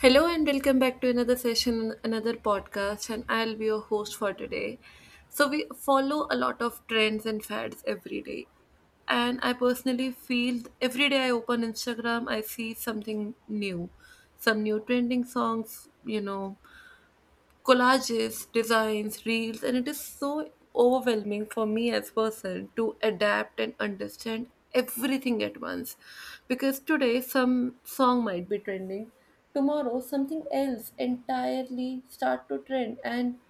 Hello and welcome back to another session, another podcast, and I'll be your host for today. So we follow a lot of trends and fads every day. And I personally feel every day I open Instagram, I see something new, some new trending songs, collages, designs, reels, and it is so overwhelming for me as person to adapt and understand everything at once because today some song might be trending tomorrow something else entirely start to trend. And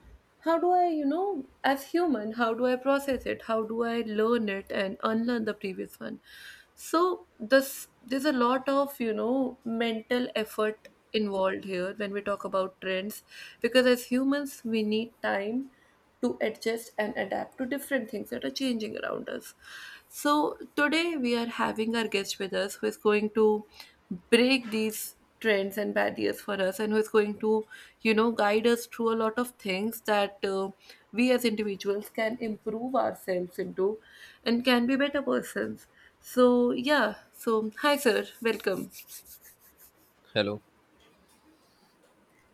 how do I, as human, how do I process it? How do I learn it and unlearn the previous one? So this there's a lot of, mental effort involved here when we talk about trends because as humans we need time to adjust and adapt to different things that are changing around us. So, today we are having our guest with us who is going to break these trends and barriers for us and who is going to, guide us through a lot of things that we as individuals can improve ourselves into and can be better persons. So, yeah, so hi, sir, welcome. Hello.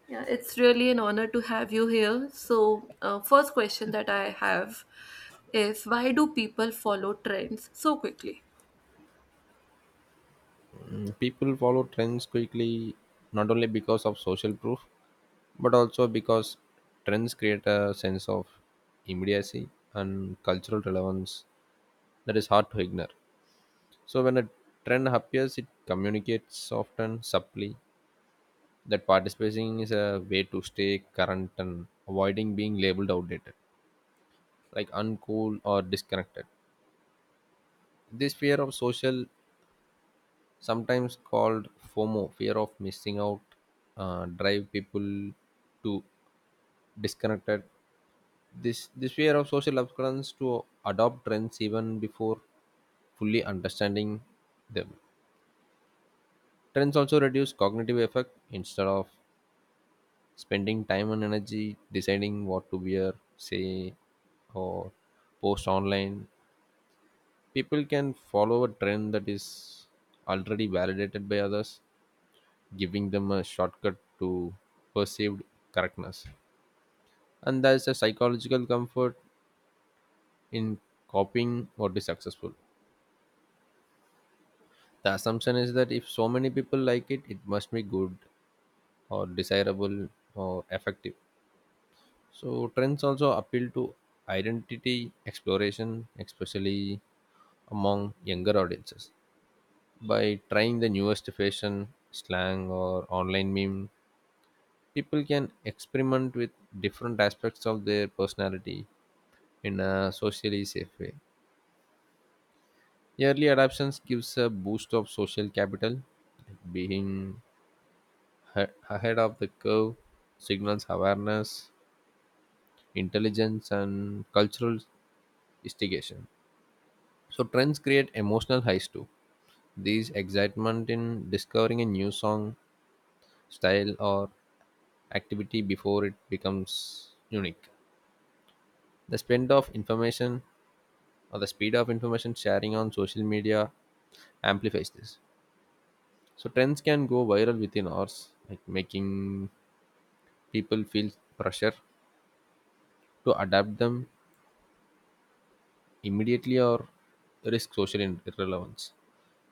Yeah, it's really an honor to have you here. So, first question that I have is, why do people follow trends so quickly? People follow trends quickly not only because of social proof, but also because trends create a sense of immediacy and cultural relevance that is hard to ignore. So, when a trend appears, it communicates often subtly that participating is a way to stay current and avoiding being labeled outdated, like uncool or disconnected. This fear of social, sometimes called FOMO, fear of missing out, drive people to disconnected. This fear of social occurrence to adopt trends even before fully understanding them. Trends also reduce cognitive effect instead of spending time and energy deciding what to wear, say, or post online. People can follow a trend that is already validated by others, giving them a shortcut to perceived correctness. And there's a psychological comfort in copying what is successful. The assumption is that if so many people like it must be good or desirable or effective. So trends also appeal to identity exploration, especially among younger audiences. By trying the newest fashion, slang, or online meme, people can experiment with different aspects of their personality in a socially safe way. Early adoptions gives a boost of social capital, being ahead of the curve signals awareness, intelligence, and cultural instigation. So trends create emotional highs too. These excitement in discovering a new song, style, or activity before it becomes unique. The spend of information or the speed of information sharing on social media amplifies this. So trends can go viral within hours, like making people feel pressure to adapt them immediately or risk social irrelevance.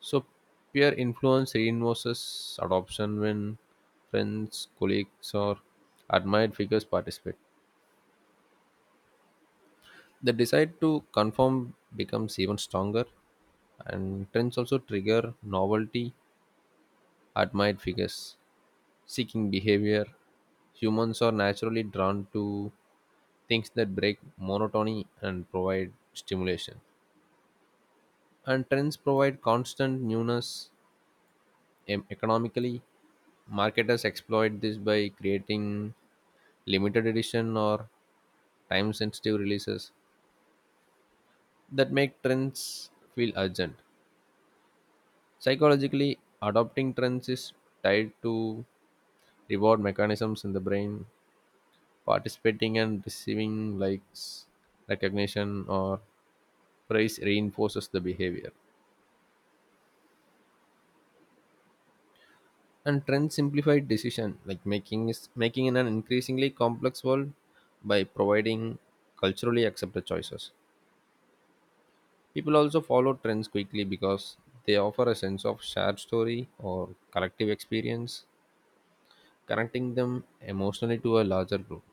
So peer influence reinforces adoption when friends, colleagues, or admired figures participate. The desire to conform becomes even stronger, and trends also trigger novelty, admired figures, seeking behavior. Humans are naturally drawn to things that break monotony and provide stimulation. And trends provide constant newness economically. Marketers exploit this by creating limited edition or time sensitive releases that make trends feel urgent. Psychologically, adopting trends is tied to reward mechanisms in the brain, participating and receiving likes, recognition, or praise reinforces the behavior. And trends simplified decision like making is making in an increasingly complex world by providing culturally accepted choices. People also follow trends quickly because they offer a sense of shared story or collective experience, connecting them emotionally to a larger group.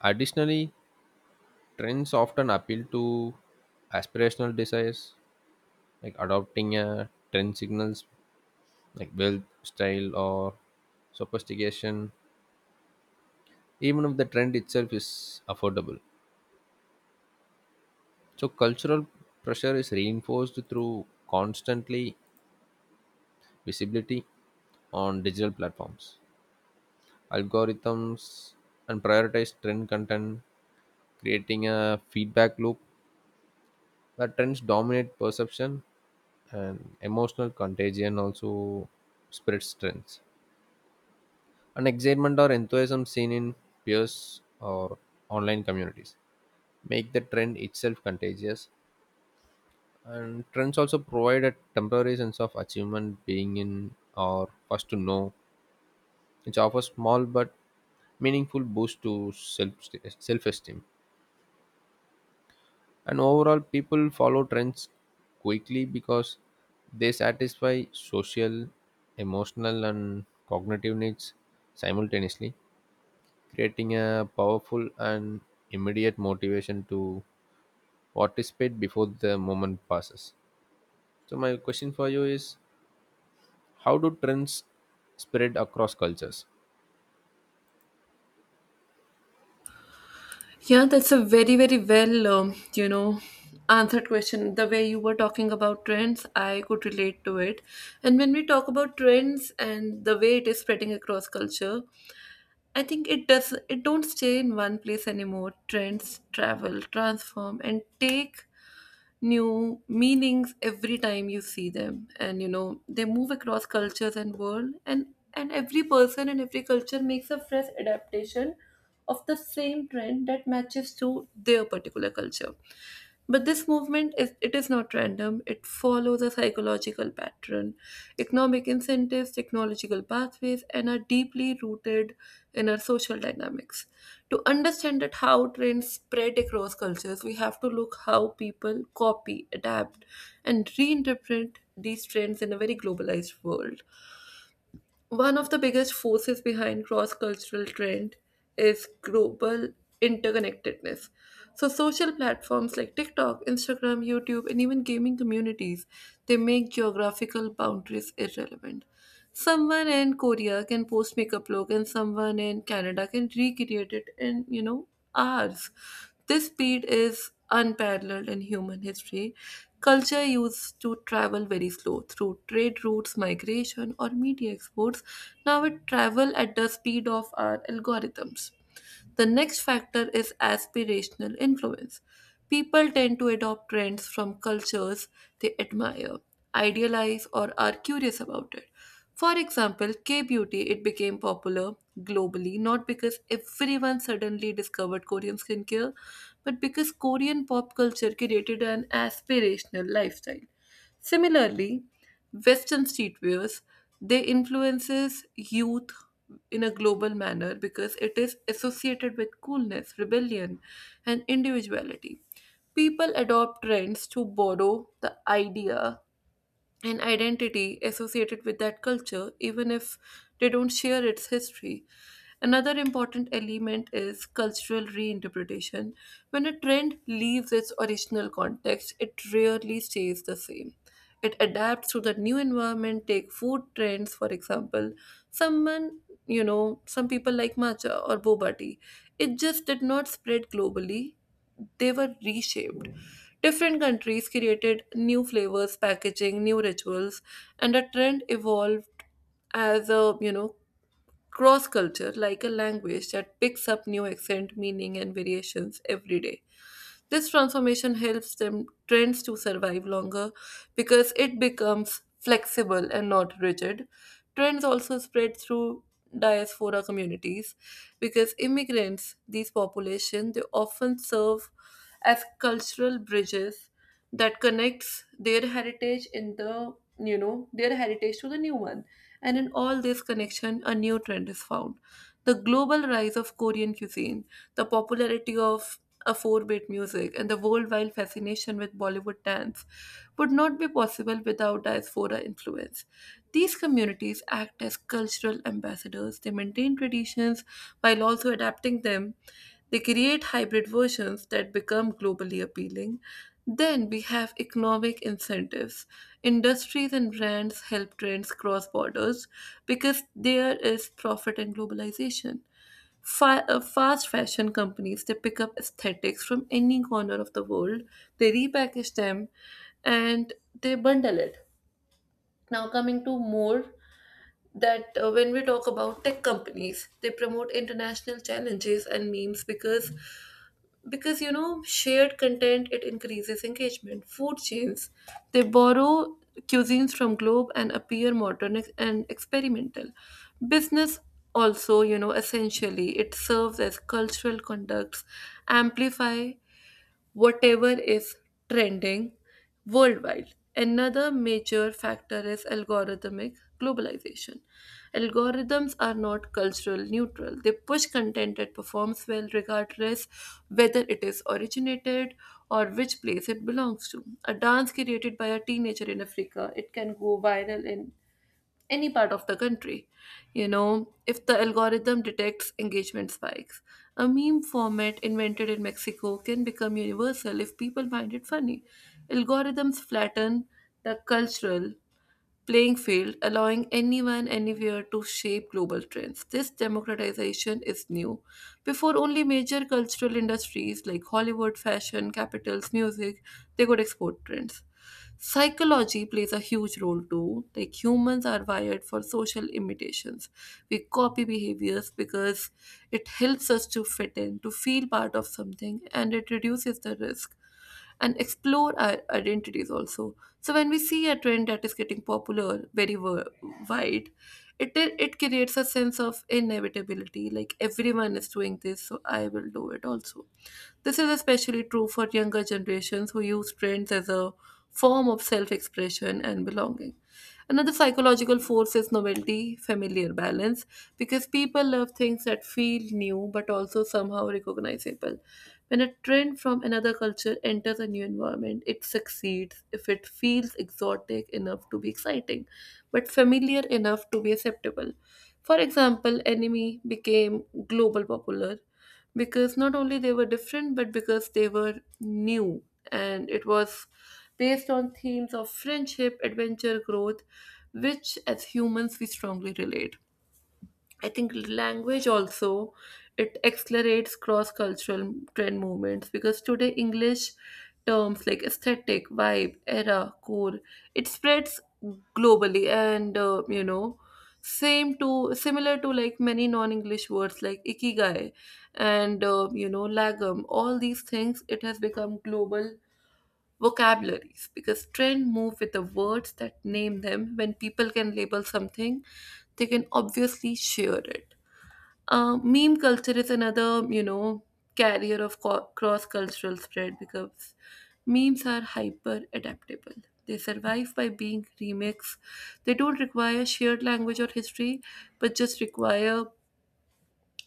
Additionally, trends often appeal to aspirational desires, like adopting a trend signals like wealth, style, or sophistication, even if the trend itself is affordable. So, cultural pressure is reinforced through constantly visibility on digital platforms, algorithms, and prioritized trend content, creating a feedback loop where trends dominate perception, and emotional contagion also spreads trends. And excitement or enthusiasm seen in peers or online communities make the trend itself contagious. And trends also provide a temporary sense of achievement, being in or first to know, which offers small but meaningful boost to self esteem. And overall, people follow trends quickly because they satisfy social, emotional, and cognitive needs simultaneously, creating a powerful and immediate motivation to participate before the moment passes. So, my question for you is, how do trends spread across cultures? Yeah, that's a very, very well, answered question. The way you were talking about trends, I could relate to it. And when we talk about trends and the way it is spreading across culture, I think it does it don't stay in one place anymore. Trends travel, transform, and take new meanings every time you see them, and you know they move across cultures and world, and every person and every culture makes a fresh adaptation of the same trend that matches to their particular culture. But this movement is it is not random. It follows a cycle psychological pattern, economic incentives, technological pathways, and are deeply rooted in our social dynamics. To understand that how trends spread across cultures, we have to look how people copy, adapt, and reinterpret these trends in a very globalized world. One of the biggest forces behind cross cultural trend is global interconnectedness. So social platforms like TikTok, Instagram, YouTube and even gaming communities, they make geographical boundaries irrelevant. Someone in Korea can post makeup look and someone in Canada can recreate it in, hours. This speed is unparalleled in human history. Culture used to travel very slow through trade routes, migration, or media exports. Now it travel at the speed of our algorithms. The next factor is aspirational influence. People tend to adopt trends from cultures they admire, idealize, or are curious about it. For example, K beauty it became popular globally not because everyone suddenly discovered Korean skincare, but because Korean pop culture created an aspirational lifestyle. Similarly, Western streetwears, they influences youth in a global manner because it is associated with coolness, rebellion, and individuality. People adopt trends to borrow the idea an identity associated with that culture, even if they don't share its history. Another important element is cultural reinterpretation. When a trend leaves its original context, it rarely stays the same. It adapts to the new environment. Take food trends, for example. Someone, some people like matcha or boba tea. It just did not spread globally, they were reshaped. Different countries created new flavors, packaging, new rituals, and a trend evolved as a cross culture, like a language that picks up new accent, meaning, and variations every day. This transformation helps them trends to survive longer because it becomes flexible and not rigid. Trends also spread through diaspora communities because immigrants, these populations, they often serve as cultural bridges that connects their heritage in the you know their heritage to the new one. And in all this connection a new trend is found. The global rise of Korean cuisine, the popularity of a 4-bit music, and the worldwide fascination with Bollywood dance would not be possible without diaspora influence. These communities act as cultural ambassadors. They maintain traditions while also adapting them. They create hybrid versions that become globally appealing. Then we have economic incentives. Industries and brands help trends cross borders because there is profit in globalization. Fast fashion companies, they pick up aesthetics from any corner of the world, they repackage them, and they bundle it. Now coming to more, that when we talk about tech companies, they promote international challenges and memes because shared content it increases engagement. Food chains, they borrow cuisines from globe and appear modern and experimental business. Also, essentially it serves as cultural conducts, amplify whatever is trending worldwide. Another major factor is algorithmic globalization. Algorithms are not cultural neutral. They push content that performs well regardless whether it is originated or which place it belongs to. A dance created by a teenager in Africa, it can go viral in any part of the country. If the algorithm detects engagement spikes, a meme format invented in Mexico can become universal if people find it funny. Algorithms flatten the cultural playing field, allowing anyone anywhere to shape global trends. This democratization is new. Before, only major cultural industries like Hollywood, fashion, capitals, music, they could export trends. Psychology plays a huge role too. Like, humans are wired for social imitations. We copy behaviors because it helps us to fit in, to feel part of something, and it reduces the risk and explore our identities also. So when we see a trend that is getting popular very wide, it creates a sense of inevitability. Like, everyone is doing this, so I will do it also. This is especially true for younger generations who use trends as a form of self-expression and belonging. Another psychological force is novelty, familiar balance, because people love things that feel new but also somehow recognizable. When a trend from another culture enters a new environment, it succeeds if it feels exotic enough to be exciting, but familiar enough to be acceptable. For example, anime became global popular because not only they were different, but because they were new, and it was based on themes of friendship, adventure, growth, which as humans we strongly relate. I think language also it accelerates cross-cultural trend movements because today English terms like aesthetic, vibe, era, core it spreads globally, and same to similar to like many non-English words like ikigai, and lagam, all these things it has become global vocabularies, because trend move with the words that name them. When people can label something they can obviously share it. Meme culture is another, carrier of cross-cultural spread because memes are hyper adaptable. They survive by being remixed. They don't require shared language or history but just require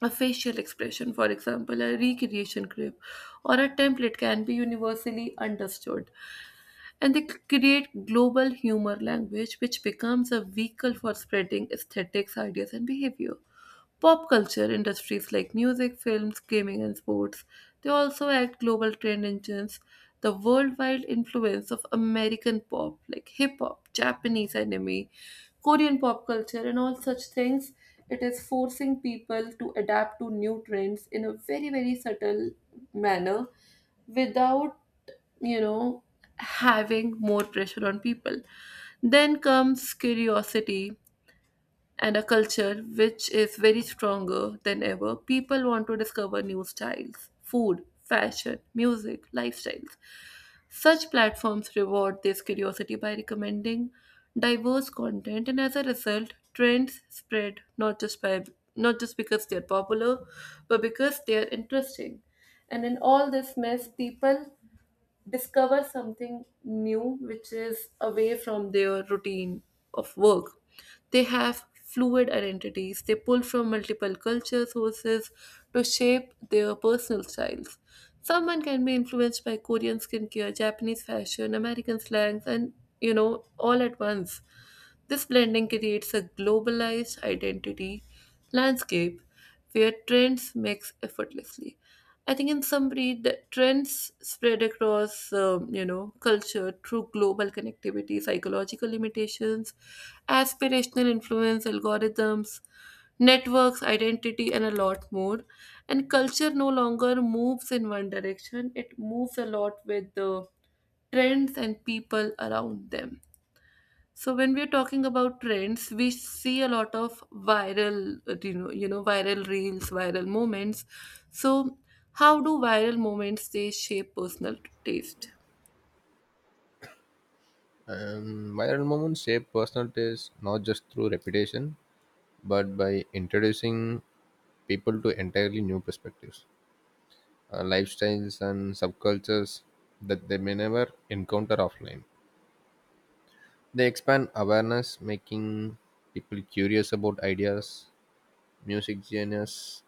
a facial expression. For example, a recreation clip or a template can be universally understood, and they create global humor language which becomes a vehicle for spreading aesthetics, ideas, and behavior. Pop culture industries like music, films, gaming, and sports, they also act global trend engines. The worldwide influence of American pop, like hip hop, Japanese anime, Korean pop culture, and all such things, it is forcing people to adapt to new trends in a very, very subtle manner without you know having more pressure on people. Then comes curiosity, and a culture which is very stronger than ever, people want to discover new styles, food, fashion, music, lifestyles. Such platforms reward this curiosity by recommending diverse content, and as a result, trends spread not just because they are popular, but because they are interesting. And in all this mess, people discover something new which is away from their routine of work. They have fluid identities, they pull from multiple culture sources to shape their personal styles. Someone can be influenced by Korean skincare, Japanese fashion, American slangs, and all at once. This blending creates a globalized identity landscape where trends mix effortlessly. I think in summary, the trends spread across, culture through global connectivity, psychological limitations, aspirational influence, algorithms, networks, identity, and a lot more. And culture no longer moves in one direction; it moves a lot with the trends and people around them. So when we're talking about trends, we see a lot of viral, viral reels, viral moments. So how do viral moments they shape personal taste? Viral moments shape personal tastes not just through reputation, but by introducing people to entirely new perspectives, lifestyles, and subcultures that they may never encounter offline. They expand awareness, making people curious about ideas, music genres,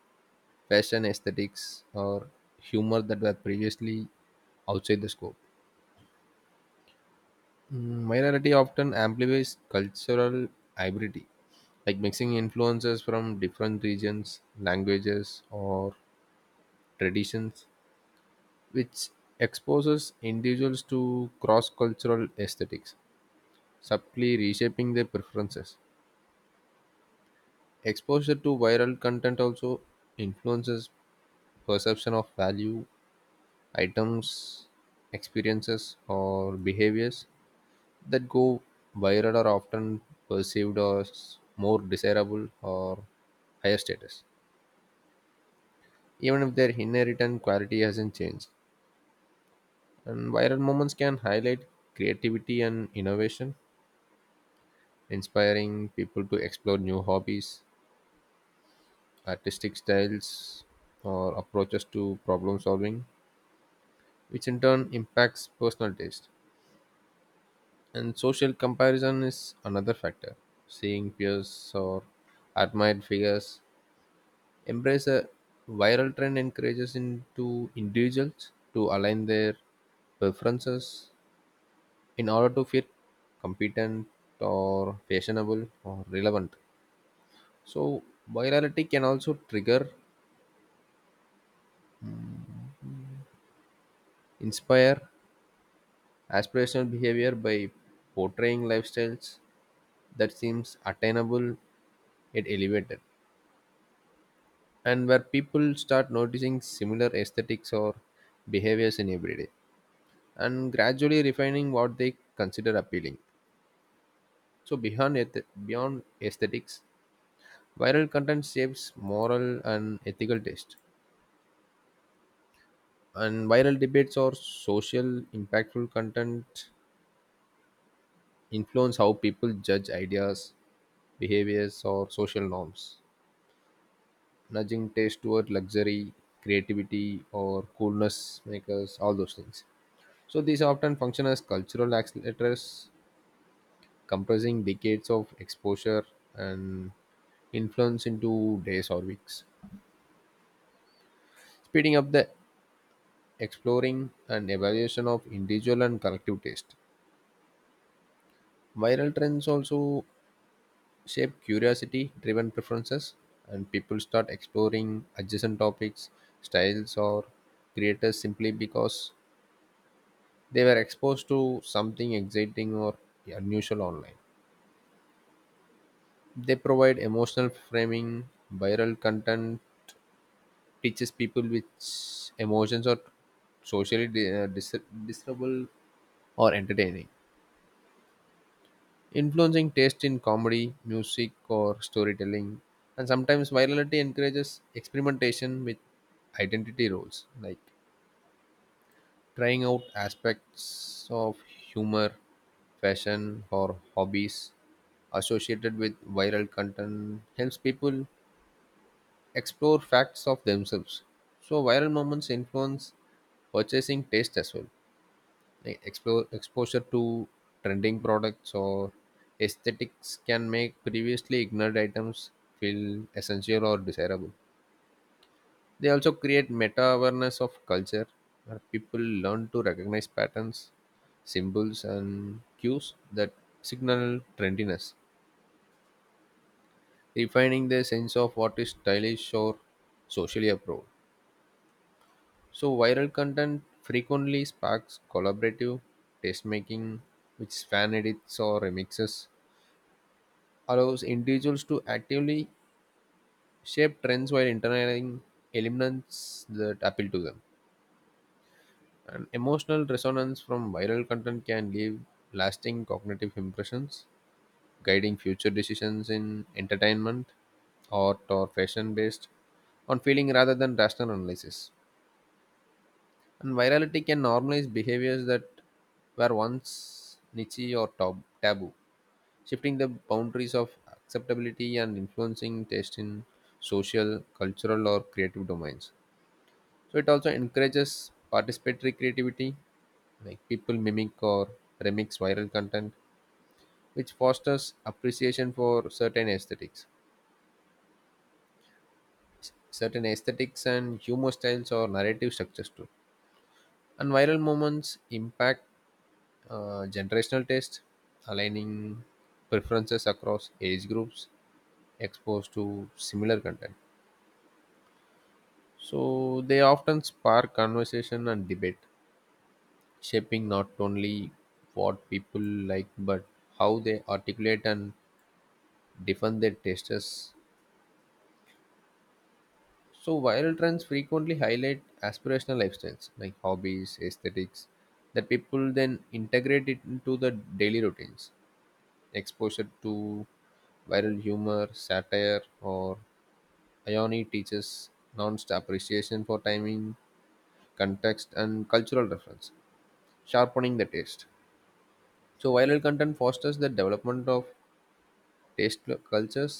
fashion aesthetics, or humor that were previously outside the scope. Minority often amplifies cultural hybridity, like mixing influences from different regions, languages, or traditions, which exposes individuals to cross cultural aesthetics, subtly reshaping their preferences. Exposure to viral content also influences perception of value, items, experiences, or behaviors that go viral are often perceived as more desirable or higher status, even if their inherent quality hasn't changed. And viral moments can highlight creativity and innovation, inspiring people to explore new hobbies, artistic styles, or approaches to problem solving, which in turn impacts personal taste. And social comparison is another factor. Seeing peers or admired figures embrace a viral trend encourages into individuals to align their preferences in order to feel competent or fashionable or relevant. So virality can also trigger inspire aspirational behavior by portraying lifestyles that seems attainable yet elevated, and where people start noticing similar aesthetics or behaviors in everyday and gradually refining what they consider appealing. So beyond aesthetics, viral content shapes moral and ethical taste. And viral debates or social impactful content influence how people judge ideas, behaviors, or social norms, nudging taste toward luxury, creativity, or coolness makers, all those things. So these often function as cultural accelerators, compressing decades of exposure and influence into days or weeks. Speeding up the exploring and evaluation of individual and collective taste. Viral trends also shape curiosity driven preferences, and people start exploring adjacent topics, styles, or creators simply because they were exposed to something exciting or unusual online. They provide emotional framing, viral content teaches people which emotions are socially discernible or entertaining, influencing taste in comedy, music, or storytelling. And sometimes virality encourages experimentation with identity roles, like trying out aspects of humor, fashion, or hobbies associated with viral content helps people explore facts of themselves. So, viral moments influence purchasing taste as well. Like explore exposure to trending products or aesthetics can make previously ignored items feel essential or desirable. They also create meta awareness of culture, where people learn to recognize patterns, symbols, and cues that signal trendiness, refining their sense of what is stylish or socially approved. So viral content frequently sparks collaborative taste making, which fan edits or remixes allows individuals to actively shape trends while internalizing elements that appeal to them. And emotional resonance from viral content can leave lasting cognitive impressions, guiding future decisions in entertainment, art, or fashion based on feeling rather than rational analysis. And virality can normalize behaviors that were once niche or taboo, shifting the boundaries of acceptability and influencing taste in social, cultural, or creative domains. So it also encourages participatory creativity, like people mimic or remix viral content, which fosters appreciation for certain aesthetics and humor styles or narrative structures too. And viral moments impact generational taste, aligning preferences across age groups exposed to similar content. So they often spark conversation and debate, shaping not only what people like but how they articulate and defend their tastes. So viral trends frequently highlight aspirational lifestyles like hobbies, aesthetics that people then integrate it into the daily routines. Exposure to viral humor, satire, or irony teaches nuanced appreciation for timing, context, and cultural reference, sharpening the taste. So viral content fosters the development of cultures,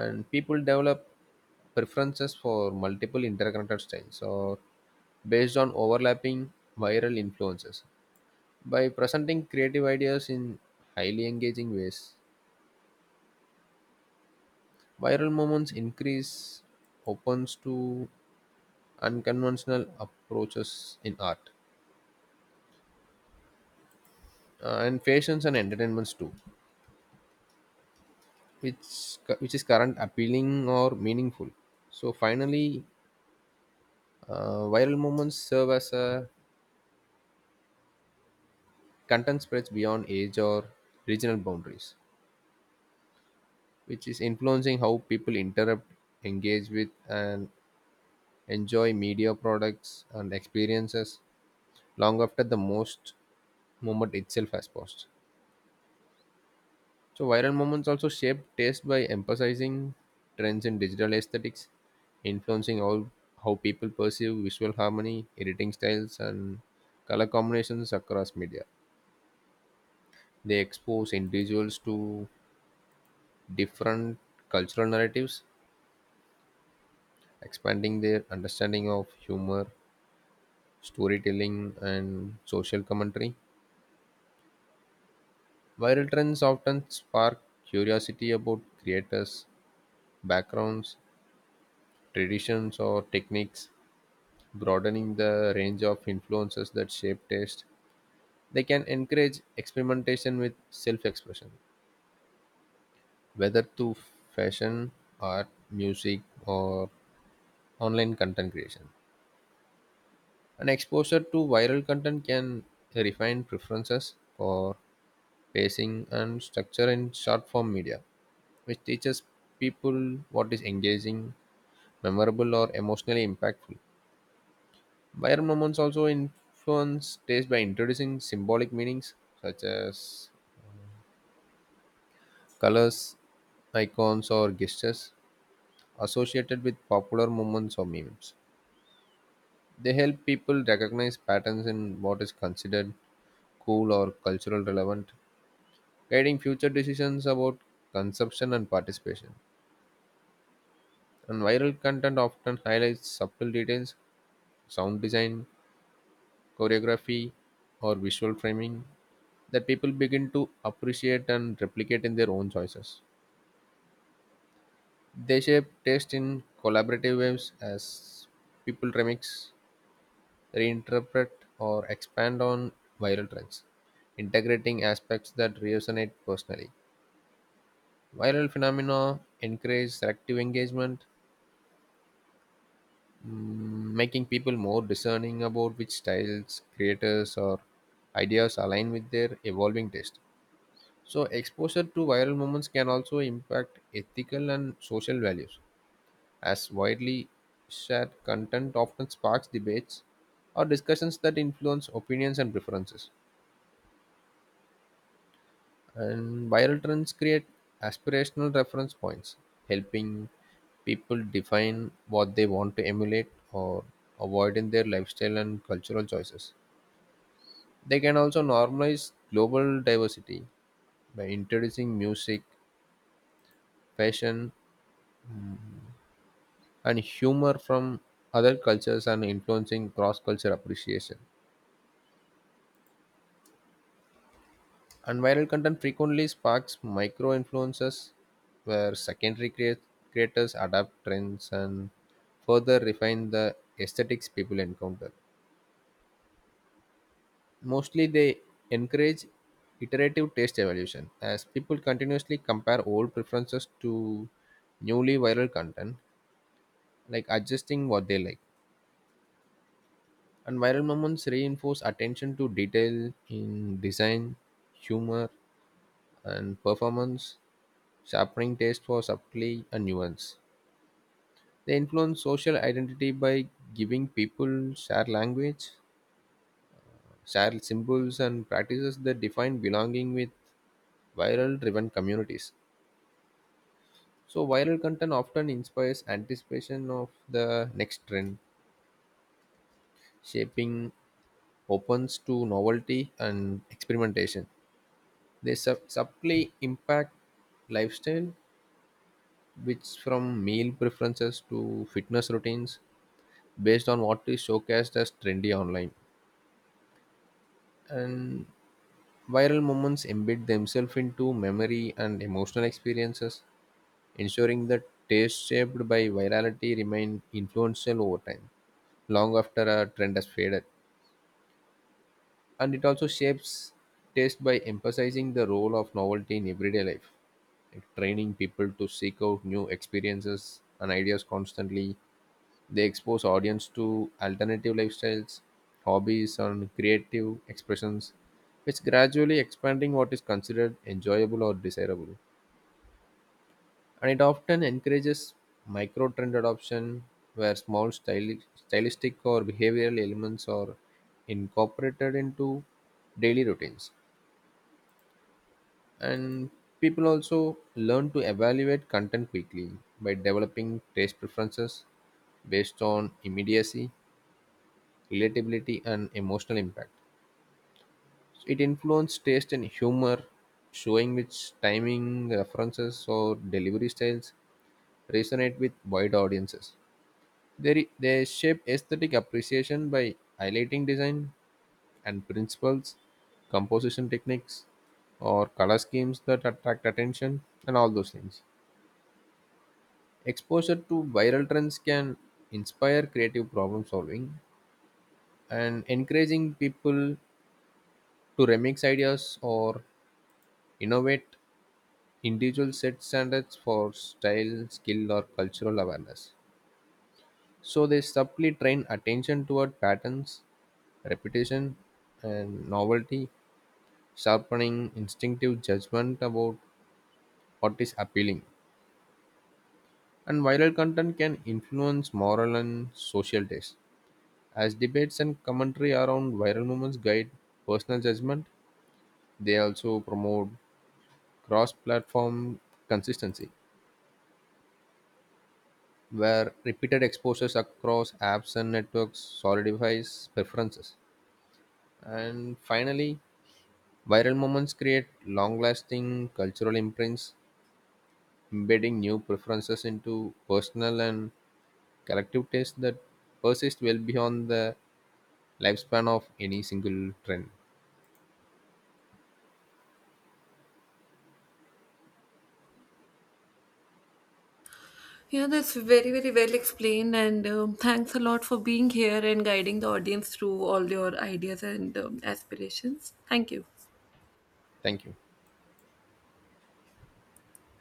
and people develop preferences for multiple interconnected styles or based on overlapping viral influences. By presenting creative ideas in highly engaging ways, viral moments increase opens to unconventional approaches in art, and fashions and entertainments too, which is current appealing or meaningful. So finally, viral moments serve as a content spreads beyond age or regional boundaries, which is influencing how people interrupt, engage with, and enjoy media products and experiences long after the most moment itself has passed. So, viral moments also shape taste by emphasizing trends in digital aesthetics, influencing all how people perceive visual harmony, editing styles, and color combinations across media. They expose individuals to different cultural narratives, expanding their understanding of humor, storytelling, and social commentary. Viral trends often spark curiosity about creators' backgrounds, traditions, or techniques, broadening the range of influences that shape taste. They can encourage experimentation with self expression, whether through fashion, art, music, or online content creation. And exposure to viral content can refine preferences for pacing and structure in short form media, which teaches people what is engaging, memorable, or emotionally impactful. Viral moments also influence taste by introducing symbolic meanings such as colors, icons, or gestures associated with popular moments or memes. They help people recognize patterns in what is considered cool or cultural relevant, guiding future decisions about consumption and participation. And viral content often highlights subtle details, sound design, choreography, or visual framing that people begin to appreciate and replicate in their own choices. They shape taste in collaborative ways as people remix, reinterpret, or expand on viral trends, integrating aspects that resonate personally. Viral phenomena encourage selective engagement, making people more discerning about which styles, creators, or ideas align with their evolving taste. So, exposure to viral moments can also impact ethical and social values, as widely shared content often sparks debates or discussions that influence opinions and preferences. And viral trends create aspirational reference points, helping people define what they want to emulate or avoid in their lifestyle and cultural choices. They can also normalize global diversity by introducing music, fashion, and humor from other cultures and influencing cross culture appreciation. And viral content frequently sparks micro influences where creators adapt trends and further refine the aesthetics people encounter. Mostly, they encourage iterative taste evolution as people continuously compare old preferences to newly viral content, like adjusting what they like. And viral moments reinforce attention to detail in design, humor, and performance, sharpening taste for subtlety and nuance. They influence social identity by giving people shared language, shared symbols, and practices that define belonging with viral driven communities. So, viral content often inspires anticipation of the next trend, shaping opens to novelty and experimentation. They subtly impact lifestyle, which from meal preferences to fitness routines, based on what is showcased as trendy online. And viral moments embed themselves into memory and emotional experiences, ensuring that tastes shaped by virality remain influential over time, long after a trend has faded. And it also shapes taste by emphasizing the role of novelty in everyday life, like training people to seek out new experiences and ideas constantly. They expose audience to alternative lifestyles, hobbies, and creative expressions, which gradually expanding what is considered enjoyable or desirable. And it often encourages micro trend adoption where small stylistic or behavioral elements are incorporated into daily routines. And people also learn to evaluate content quickly by developing taste preferences based on immediacy, relatability, and emotional impact. So, it influences taste and humor, showing which timing, references, or delivery styles resonate with wide audiences. They shape aesthetic appreciation by highlighting design and principles, composition techniques, or color schemes that attract attention, and all those things. Exposure to viral trends can inspire creative problem solving and encouraging people to remix ideas or innovate individual set standards for style, skill, or cultural awareness. So they subtly train attention toward patterns, repetition, and novelty, sharpening instinctive judgment about what is appealing. And viral content can influence moral and social taste. As debates and commentary around viral moments guide personal judgment, they also promote cross platform consistency, where repeated exposures across apps and networks solidifies preferences. And finally, viral moments create long lasting cultural imprints, embedding new preferences into personal and collective tastes that persist well beyond the lifespan of any single trend. Yeah, that's very, very well explained, and thanks a lot for being here and guiding the audience through all your ideas and aspirations. Thank you. Thank you.